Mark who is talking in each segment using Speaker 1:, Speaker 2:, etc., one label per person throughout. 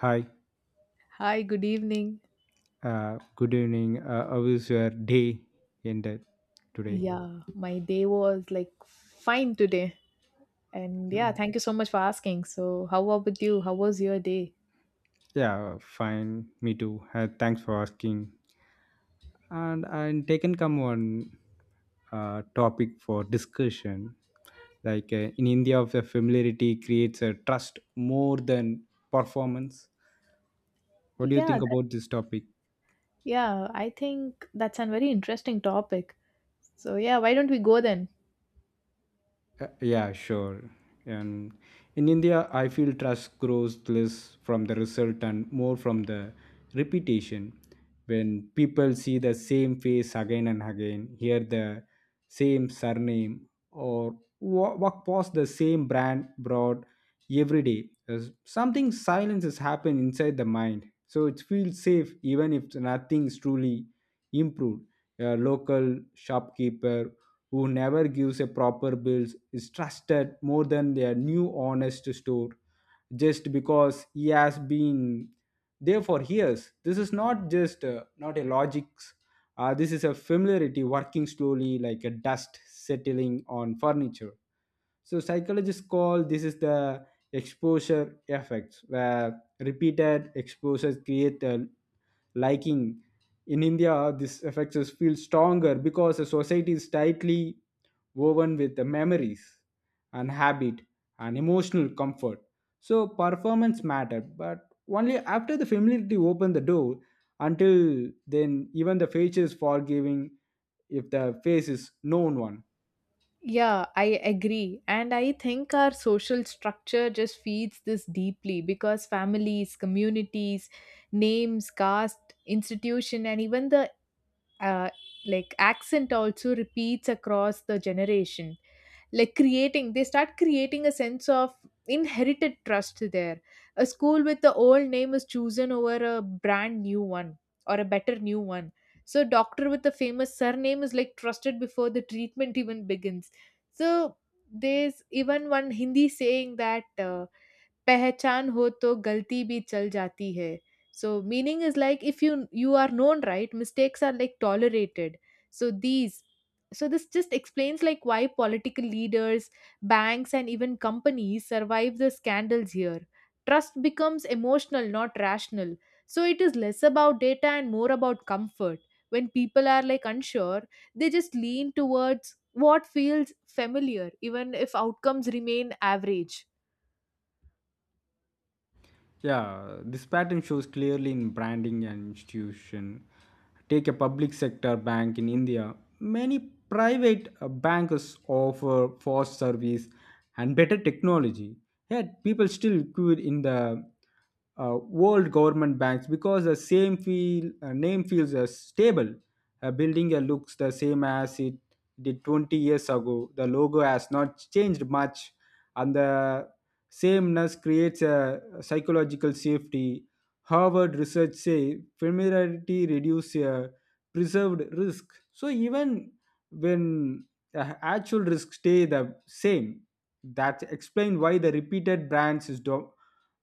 Speaker 1: Hi,
Speaker 2: Hi, good evening.
Speaker 1: good evening. How is your day ended today?
Speaker 2: Yeah, my day was like fine today. And yeah,
Speaker 1: Oh.
Speaker 2: thank you so much for asking. So, how about you? How was your day?
Speaker 1: Yeah, fine. Me too. Thanks for asking. And I'm taken come on topic for discussion. Like in India, the familiarity creates a trust more than performance. What do you
Speaker 2: Yeah,
Speaker 1: think about this topic?
Speaker 2: yeah, I think that's a very interesting topic. So, yeah, why don't we go then?
Speaker 1: Yeah, sure. And in India, I feel trust grows less from the result and more from the repetition. When people see the same face again and again, hear the same surname, or walk past the same brand broad every day, there's something silence has happened inside the mind. So it feels safe even if nothing's truly improved. A local shopkeeper who never gives a proper bills is trusted more than their new honest store just because he has been there for years. This is not just not a logics. This is a familiarity working slowly like a dust settling on furniture. So psychologists call this is the exposure effects, where repeated exposures create a liking. In India, this effects is feel stronger because the society is tightly woven with the memories and habit and emotional comfort. So performance mattered, but only after the familiarity opened the door. Until then, even the face is forgiving if the face is known one.
Speaker 2: Yeah, I agree. And I think our social structure just feeds this deeply because families, communities, names, caste, institution, and even the uh, like accent also repeats across the generation, like creating they start creating a sense of inherited trust there. A school with the old name is chosen over a brand new one or a better new one. So a doctor with a famous surname is like trusted before the treatment even begins. So there's even one Hindi saying that पहचान हो तो गलती भी चल जाती है. So meaning is like if you are known, right? Mistakes are like tolerated. So these so this just explains like why political leaders, banks and even companies survive the scandals here. Trust becomes emotional, not rational. So it is less about data and more about comfort. When people are like unsure, they just lean towards what feels familiar, even if outcomes remain average.
Speaker 1: Yeah, this pattern shows clearly in branding and institution. Take a public sector bank in India. Many private banks offer fast service and better technology. Yet people still queue in the world government banks because the same feel name feels stable. A building looks the same as it did 20 years ago. The logo has not changed much, and the sameness creates a psychological safety. Harvard research say familiarity reduces a preserved risk. So even when the actual risks stay the same, that explains why the repeated brands is do-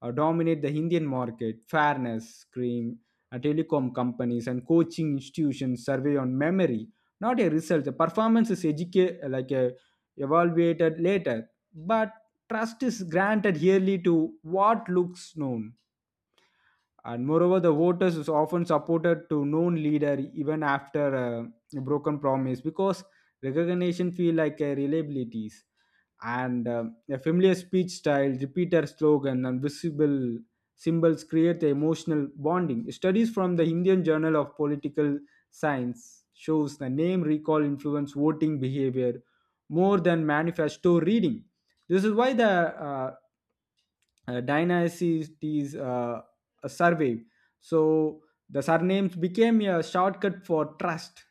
Speaker 1: uh, dominate the Indian market. Fairness, cream, telecom companies and coaching institutions survey on memory, not a result. The performance is educated like a evaluated later, but trust is granted yearly to what looks known. And moreover, the voters is often supported to known leader even after a broken promise because recognition feel like a reliabilities and a familiar speech style, repeated slogan, and visible symbols create the emotional bonding. Studies from the Indian Journal of Political Science shows the name recall influence voting behavior more than manifesto reading. This is why the dynasties a survey. So the surnames became a shortcut for trust,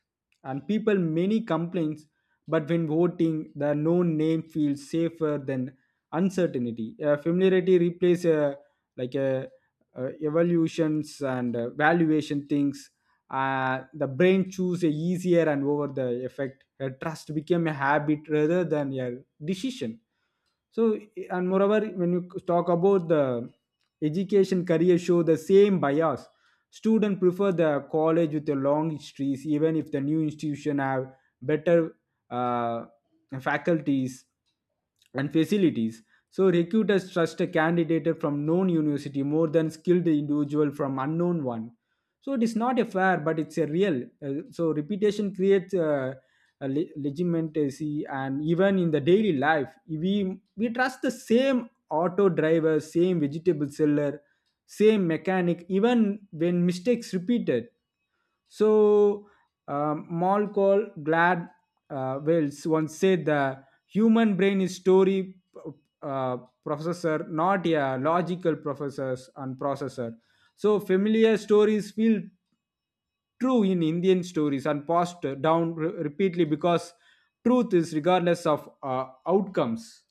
Speaker 1: and people many complaints. But when voting, the known name feels safer than uncertainty. Familiarity replaces like uh, evaluations and valuation things. The brain choose a easier and over the effect. Trust became a habit rather than a decision. So and moreover when you talk about the education career show the same bias, students prefer the college with the long histories even if the new institution have better uh, faculties and facilities. So recruiters trust a candidate from known university more than skilled individual from unknown one. So it is not a fair, but it's a real so reputation creates legitimacy, and even in the daily life we trust the same auto driver, same vegetable seller, same mechanic even when mistakes repeated. So, Mall called Glad Wells once said the human brain is story uh, processor, not a logical processors and processor. So, familiar stories feel true in Indian stories and passed down repeatedly because truth is regardless of outcomes.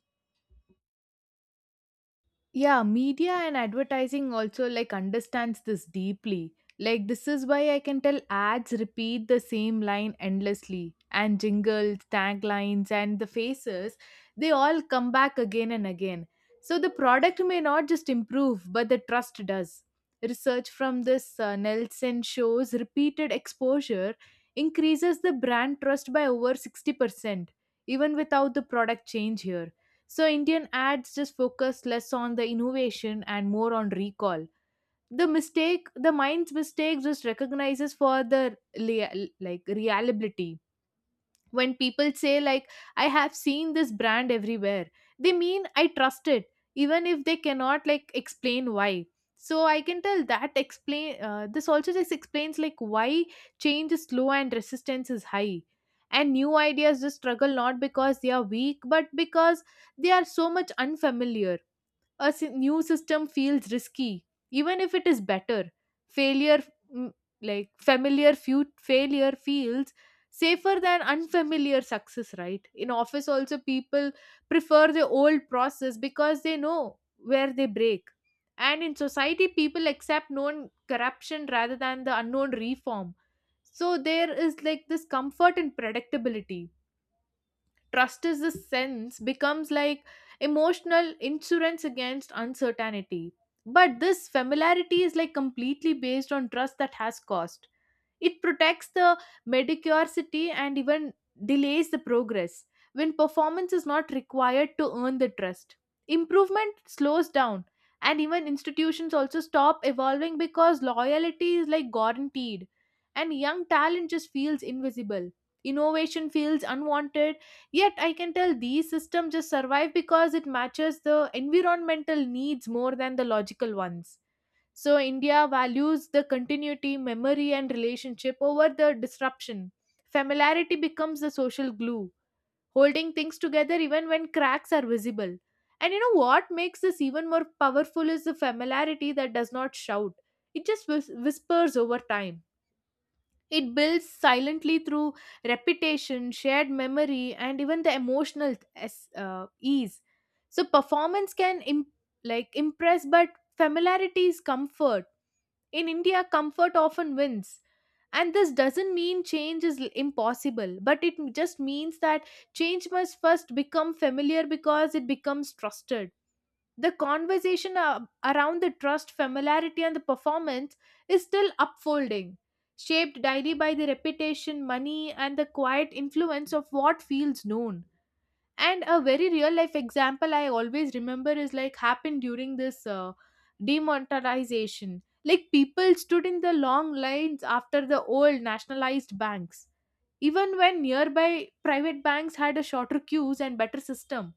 Speaker 2: Yeah, media and advertising also like understands this deeply. Like this is why I can tell ads repeat the same line endlessly, and jingles, taglines and the faces, they all come back again and again. So the product may not just improve, but the trust does. Research from this Nelson shows repeated exposure increases the brand trust by over 60% even without the product change here. So Indian ads just focus less on the innovation and more on recall. The mistake, the mind's mistake, just recognizes for the like reliability. When people say, like, I have seen this brand everywhere, they mean I trust it, even if they cannot, like, explain why. So I can tell that explain this also just explains like why change is slow and resistance is high, and new ideas just struggle not because they are weak but because they are so much unfamiliar. A new system feels risky, even if it is better. Failure, mm, like familiar few failure, feels safer than unfamiliar success. Right in office, also, people prefer the old process because they know where they break. And in society, people accept known corruption rather than the unknown reform. So there is like this comfort and predictability. Trust is the sense becomes like emotional insurance against uncertainty, but this familiarity is like completely based on trust that has cost. It protects the medicosity and even delays the progress when performance is not required to earn the trust. Improvement slows down, and even institutions also stop evolving because loyalty is like guaranteed, and young talent just feels invisible. Innovation feels unwanted, yet I can tell these systems just survive because it matches the environmental needs more than the logical ones. So, India values the continuity, memory, and relationship over the disruption. Familiarity becomes the social glue, holding things together even when cracks are visible. And you know what makes this even more powerful is the familiarity that does not shout, it just whispers over time. It builds silently through repetition, shared memory, and even the emotional ease. So, performance can like impress, but familiarity is comfort. In India, comfort often wins. And this doesn't mean change is impossible, but it just means that change must first become familiar because it becomes trusted. The conversation around the trust, familiarity, and the performance is still upfolding, shaped daily by the reputation, money, and the quiet influence of what feels known. And a very real life example I always remember is like happened during this demonetization. Like people stood in the long lines after the old nationalized banks even when nearby private banks had a shorter queues and better system.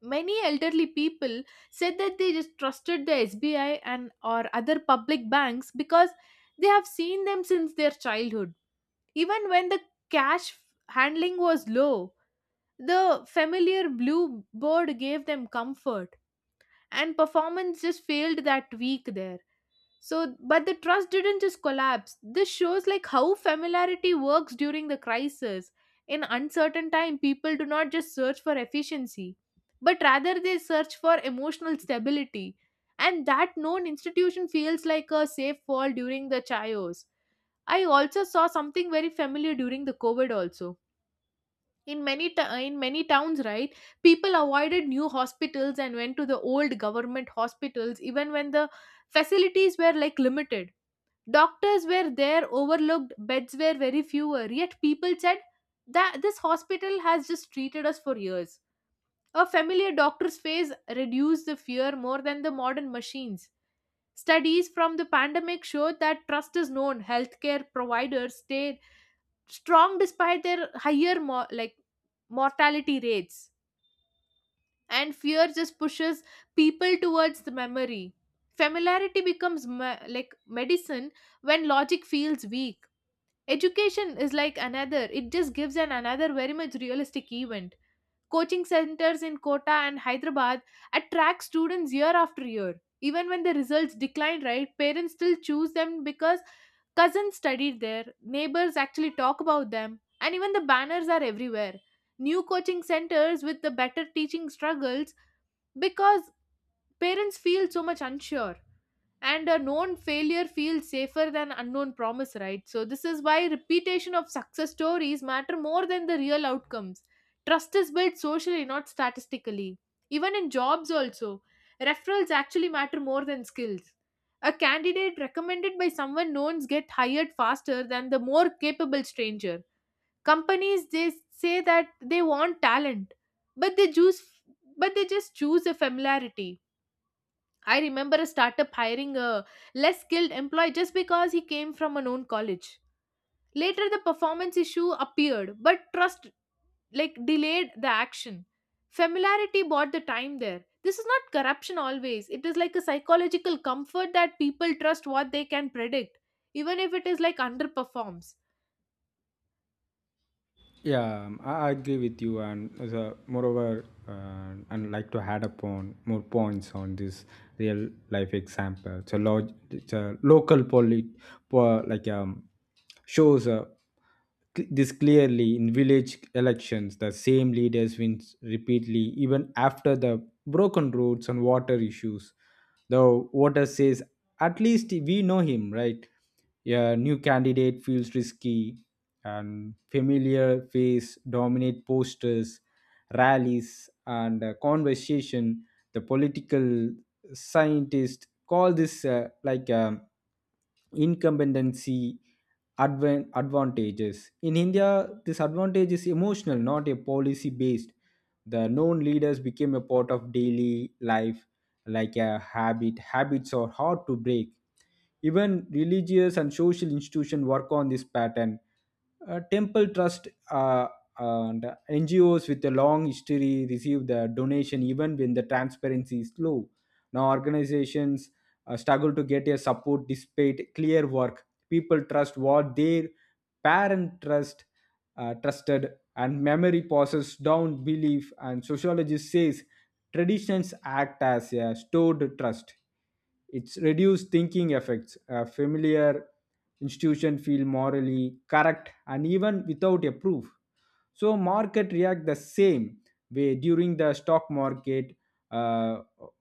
Speaker 2: Many elderly people said that they just trusted the SBI and or other public banks because they have seen them since their childhood, even when the cash handling was low. The familiar blue bird gave them comfort, and performance just failed that week there. So, but the trust didn't just collapse. This shows like how familiarity works during the crisis. In uncertain time, people do not just search for efficiency, but rather they search for emotional stability. And that known institution feels like a safe fall during the chaos. I also saw something very familiar during the COVID also, in many in many towns, right? People avoided new hospitals and went to the old government hospitals even when the facilities were like limited, doctors were there overlooked, beds were very fewer, yet people said that this hospital has just treated us for years. A familiar doctor's face reduced the fear more than the modern machines. Studies from the pandemic showed that trust is known healthcare providers stay strong despite their higher like mortality rates, and fear just pushes people towards the memory. Familiarity becomes like medicine when logic feels weak. Education is like another, it just gives an another very much realistic event. Coaching centers in Kota and Hyderabad attract students year after year. Even when the results decline, right, parents still choose them because cousins studied there, neighbors actually talk about them, and even the banners are everywhere. New coaching centers with the better teaching struggles because parents feel so much unsure, and a known failure feels safer than unknown promise, right? So this is why repetition of success stories matter more than the real outcomes. Trust is built socially, not statistically. Even in jobs also, referrals actually matter more than skills. A candidate recommended by someone known get hired faster than the more capable stranger. Companies, they say that they want talent, but they just choose a familiarity. I remember a startup hiring a less skilled employee just because he came from a known college. Later, the performance issue appeared, but trust like delayed the action. Familiarity bought the time there. This is not corruption always. It is like a psychological comfort that people trust what they can predict, even if it is like underperforms.
Speaker 1: Yeah, um, I agree with you, and as a, moreover, and like to add upon more points on this real life example. It's a, it's a local polit, po- like shows this clearly in village elections. The same leaders wins repeatedly, even after the broken roads and water issues. The voter says at least we know him, right? A new candidate feels risky, and familiar face dominate posters, rallies, and conversation. The political scientists call this incompetency advantages. In India, this advantage is emotional, not a policy based. The known leaders became a part of daily life like a habit. Habits are hard to break. Even religious and social institutions work on this pattern. Temple trust and NGOs with a long history receive the donation even when the transparency is low. Now, organizations struggle to get a support despite clear work. People trust what their parent trusted, and memory passes down belief. And sociologist says traditions act as a stored trust. It's reduced thinking effects. A familiar institution feel morally correct and even without a proof. So market react the same way during the stock market uh,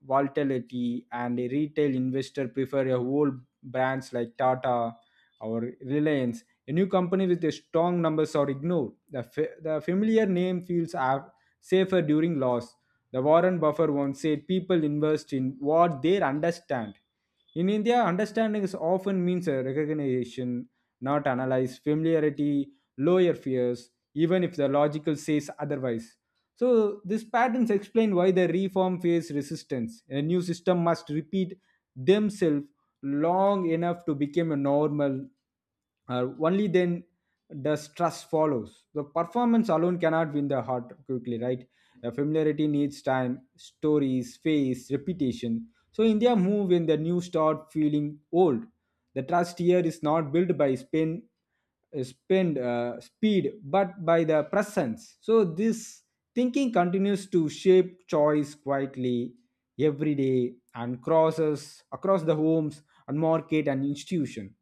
Speaker 1: volatility, and a retail investor prefer a whole brands like Tata or Reliance. A new company with a strong numbers are ignored. The the familiar name feels safer during loss. The Warren Buffett once said people invest in what they understand. In India, understanding is often means a recognition, not analyze, familiarity, lower fears, even if the logical says otherwise. So these patterns explain why the reform face resistance. A new system must repeat themselves long enough to become a normal. Only then does trust follows. The performance alone cannot win the heart quickly, right? Familiarity needs time, stories, face, reputation. So India move when the new start feeling old. The trust here is not built by spin spend speed but by the presence. So this thinking continues to shape choice quietly every day and crosses across the homes and market and institution.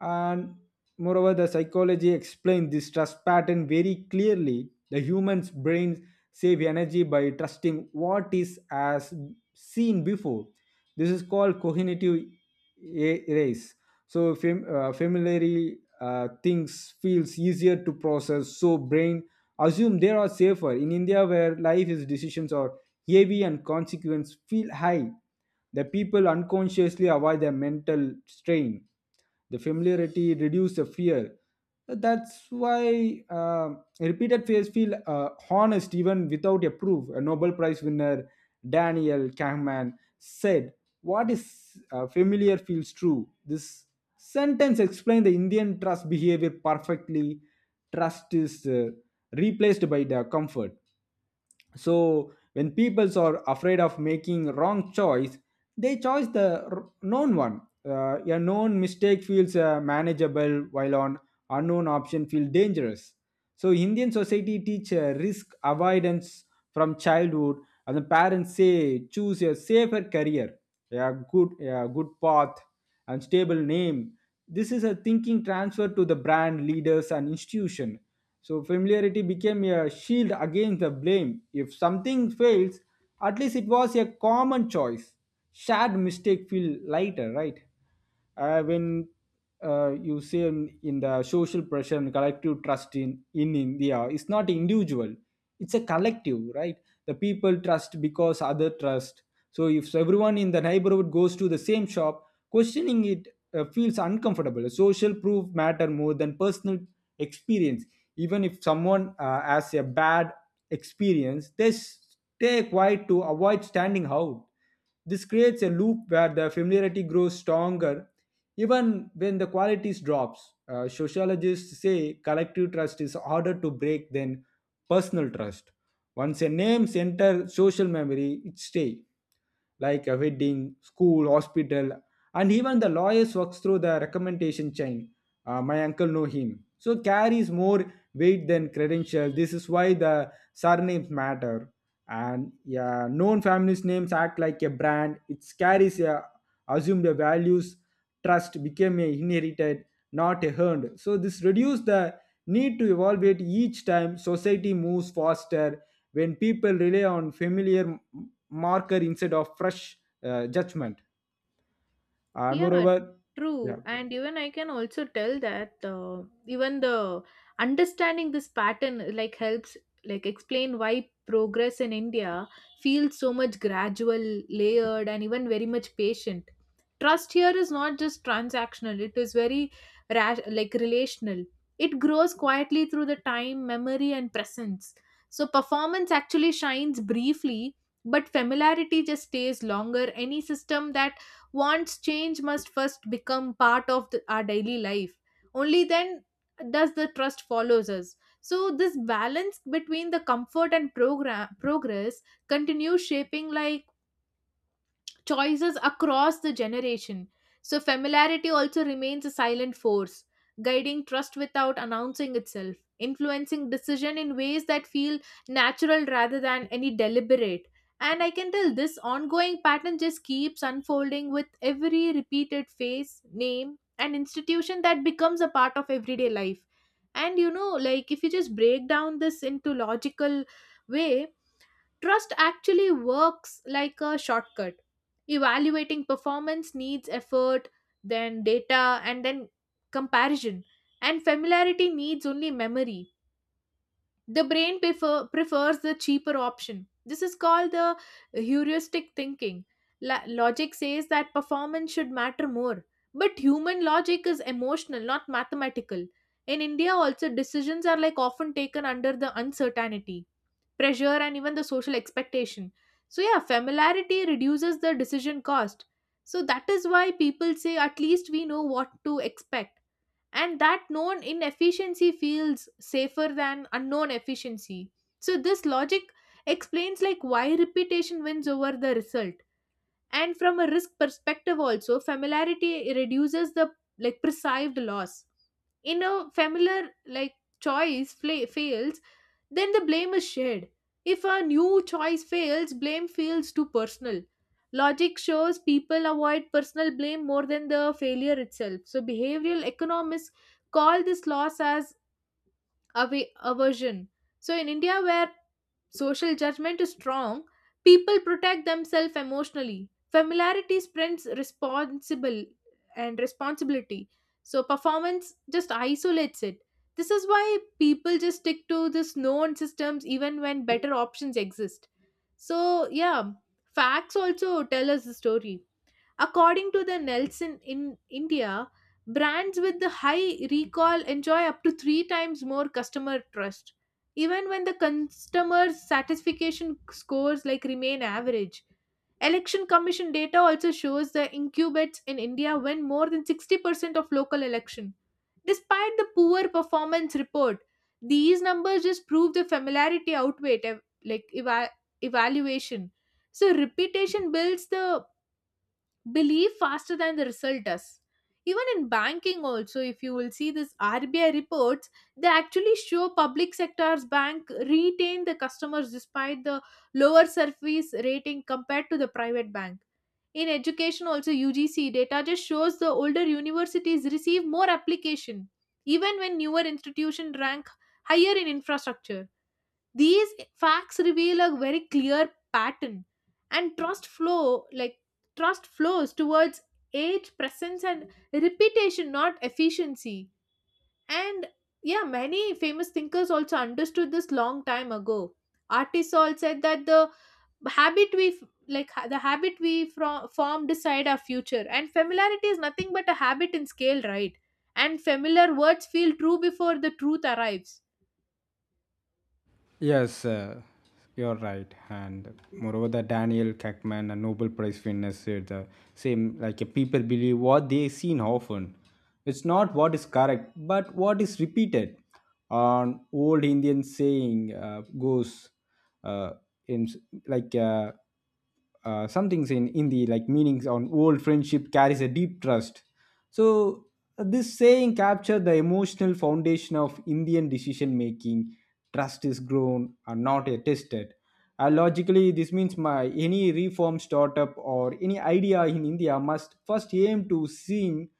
Speaker 1: And moreover, the psychology explains this trust pattern very clearly. The human's brains save energy by trusting what is as seen before. This is called cognitive erase. So familiarly things feels easier to process, so brain assume they are safer. In India, where life is decisions are heavy and consequence feel high, the people unconsciously avoid their mental strain. The familiarity reduces the fear. That's why repeated face feel honest even without a proof. A Nobel Prize winner, Daniel Kahneman, said, what is familiar feels true. This sentence explains the Indian trust behavior perfectly. Trust is replaced by the comfort. So when peoples are afraid of making wrong choice, they choose the known one. A known mistake feels manageable, while an unknown option feels dangerous. So Indian society teach risk avoidance from childhood, and the parents say choose a safer career, a good path and stable name. This is a thinking transfer to the brand, leaders, and institution. So familiarity became a shield against the blame. If something fails, at least it was a common choice. Shared mistake feel lighter, right? When you see in the social pressure and collective trust in India, it's not individual, it's a collective, right? The people trust because other trust. So if everyone in the neighborhood goes to the same shop, questioning it feels uncomfortable. Social proof matter more than personal experience. Even if someone has a bad experience, they stay quiet to avoid standing out. This creates a loop where the familiarity grows stronger even when the qualities drops. Sociologists say collective trust is harder to break than personal trust. Once a name enter social memory, it stays, like a wedding, school, hospital, and even the lawyers works through the recommendation chain. My uncle know him. So carries more weight than credential. This is why the surnames matter, and yeah, known families names act like a brand. It carries a assumed values. Trust became a inherited, not a earned. So this reduced the need to evaluate each time. Society moves faster when people rely on familiar marker instead of fresh judgment. And
Speaker 2: Yeah,
Speaker 1: moreover,
Speaker 2: true.
Speaker 1: yeah.
Speaker 2: And even I can also tell that even the understanding this pattern like helps like explain why progress in India feels so much gradual, layered, and even very much patient. Trust here is not just transactional; it is very like relational. It grows quietly through the time, memory, and presence. So performance actually shines briefly, but familiarity just stays longer. Any system that wants change must first become part of our daily life. Only then does the trust follows us. So this balance between the comfort and program progress continues shaping like choices across the generation. So, familiarity also remains a silent force, guiding trust without announcing itself, influencing decision in ways that feel natural rather than any deliberate. And I can tell this ongoing pattern just keeps unfolding with every repeated face, name, and institution that becomes a part of everyday life. And you know, like if you just break down this into logical way, trust actually works like a shortcut. Evaluating performance needs effort, then data, and then comparison. And familiarity needs only memory. The brain prefers the cheaper option. This is called the heuristic thinking. Logic says that performance should matter more. But human logic is emotional, not mathematical. In India, also, decisions are like often taken under the uncertainty pressure and even the social expectation. So yeah, familiarity reduces the decision cost. So that is why people say at least we know what to expect, and that known inefficiency feels safer than unknown efficiency. So this logic explains like why repetition wins over the result. And from a risk perspective also, familiarity reduces the like perceived loss. In a familiar like choice fails, then the blame is shared. If a new choice fails, blame feels too personal. Logic shows people avoid personal blame more than the failure itself. So behavioral economists call this loss as aversion. So, in India, where social judgment is strong, people protect themselves emotionally. Familiarity spreads responsible and responsibility. So, performance just isolates it. This is why people just stick to this known systems even when better options exist. So, yeah, facts also tell us the story. According to the Nelson, in India, brands with the high recall enjoy up to three times more customer trust, even when the customer satisfaction scores like remain average. Election Commission data also shows the incumbents in India win more than 60% of local election. Despite the poor performance report, these numbers just prove the familiarity outweighed evaluation. So reputation builds the believe faster than the result does. Even in banking, also, if you will see this RBI reports, they actually show public sector's bank retain the customers despite the lower service rating compared to the private bank. In education, also, UGC data just shows the older universities receive more application, even when newer institutions rank higher in infrastructure. These facts reveal a very clear pattern, and trust flows towards age, presence and reputation, not efficiency. And yeah, many famous thinkers also understood this long time ago. Artists all said that the habit we from form decide our future, and familiarity is nothing but a habit in scale, right? And familiar words feel true before the truth arrives.
Speaker 1: Yes, you're right. And moreover, the Daniel Kahneman, a Nobel Prize winner, said the same like people believe what they seen often. It's not what is correct, but what is repeated. An old Indian saying goes uh, in like. Some things in Hindi, like meanings on old friendship carries a deep trust. So this saying captured the emotional foundation of Indian decision making. Trust is grown and not a tested. Logically, this means my any reform startup or any idea in India must first aim to seem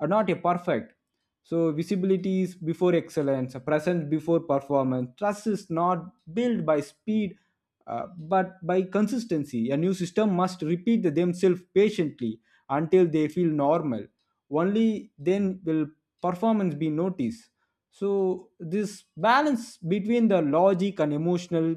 Speaker 1: not a perfect. So visibility is before excellence, present before performance. Trust is not built by speed, but by consistency. A new system must repeat themselves patiently until they feel normal. Only then will performance be noticed. So this balance between the logic and emotional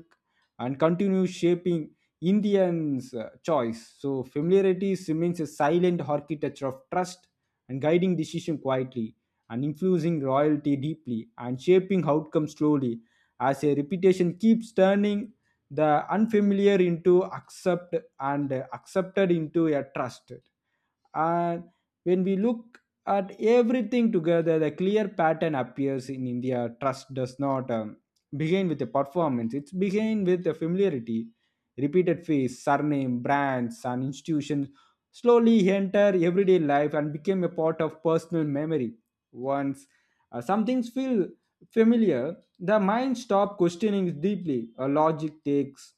Speaker 1: and continuous shaping Indians' choice. So familiarity remains a silent architecture of trust, and guiding decision quietly, and infusing royalty deeply, and shaping outcomes slowly, as a reputation keeps turning the unfamiliar into accept and accepted into a trust. And when we look at everything together, the clear pattern appears. In India, trust does not begin with a performance, it's begin with a familiarity. Repeated face, surname, brands, and institutions slowly enter everyday life and become a part of personal memory. Once some things feel familiar, the mind stops questioning deeply. Logic takes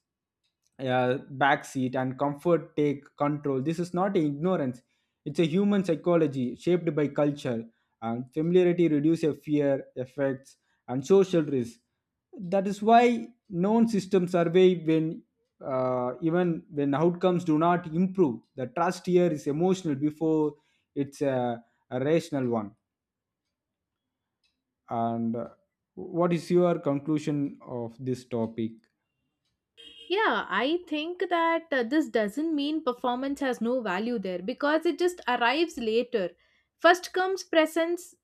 Speaker 1: backseat and comfort take control. This is not ignorance. It's a human psychology shaped by culture. And familiarity reduces fear, effects, and social risk. That is why known systems survey when even when outcomes do not improve. The trust here is emotional before it's a rational one. And what is your conclusion of this topic?
Speaker 2: Yeah, I think that this doesn't mean performance has no value there because it just arrives later. First comes presence,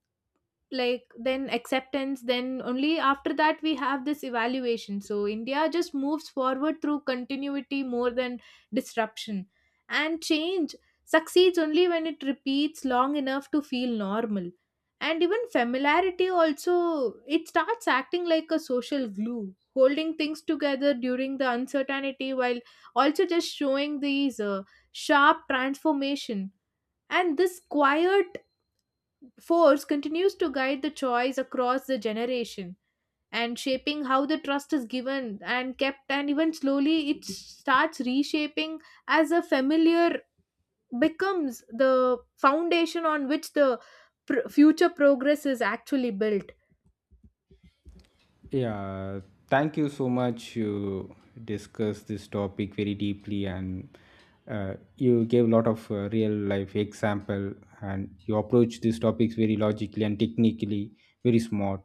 Speaker 2: like then acceptance, then only after that we have this evaluation. So India just moves forward through continuity more than disruption, and change succeeds only when it repeats long enough to feel normal. And even familiarity also, it starts acting like a social glue holding things together during the uncertainty while also just showing these sharp transformation. And this quiet force continues to guide the choice across the generation and shaping how the trust is given and kept, and even slowly it starts reshaping as a familiar becomes the foundation on which the future progress is actually built.
Speaker 1: Yeah, thank you so much. You discussed this topic very deeply, and you gave a lot of real life example, and you approach these topics very logically and technically, very smart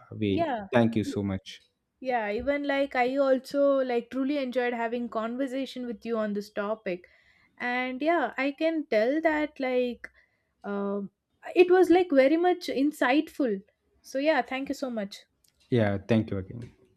Speaker 1: way.
Speaker 2: Yeah.
Speaker 1: Thank you so much.
Speaker 2: Yeah, even like I also like truly enjoyed having conversation with you on this topic. And yeah, I can tell that like um it was like very much insightful. So yeah, thank you so much.
Speaker 1: Yeah, thank you again.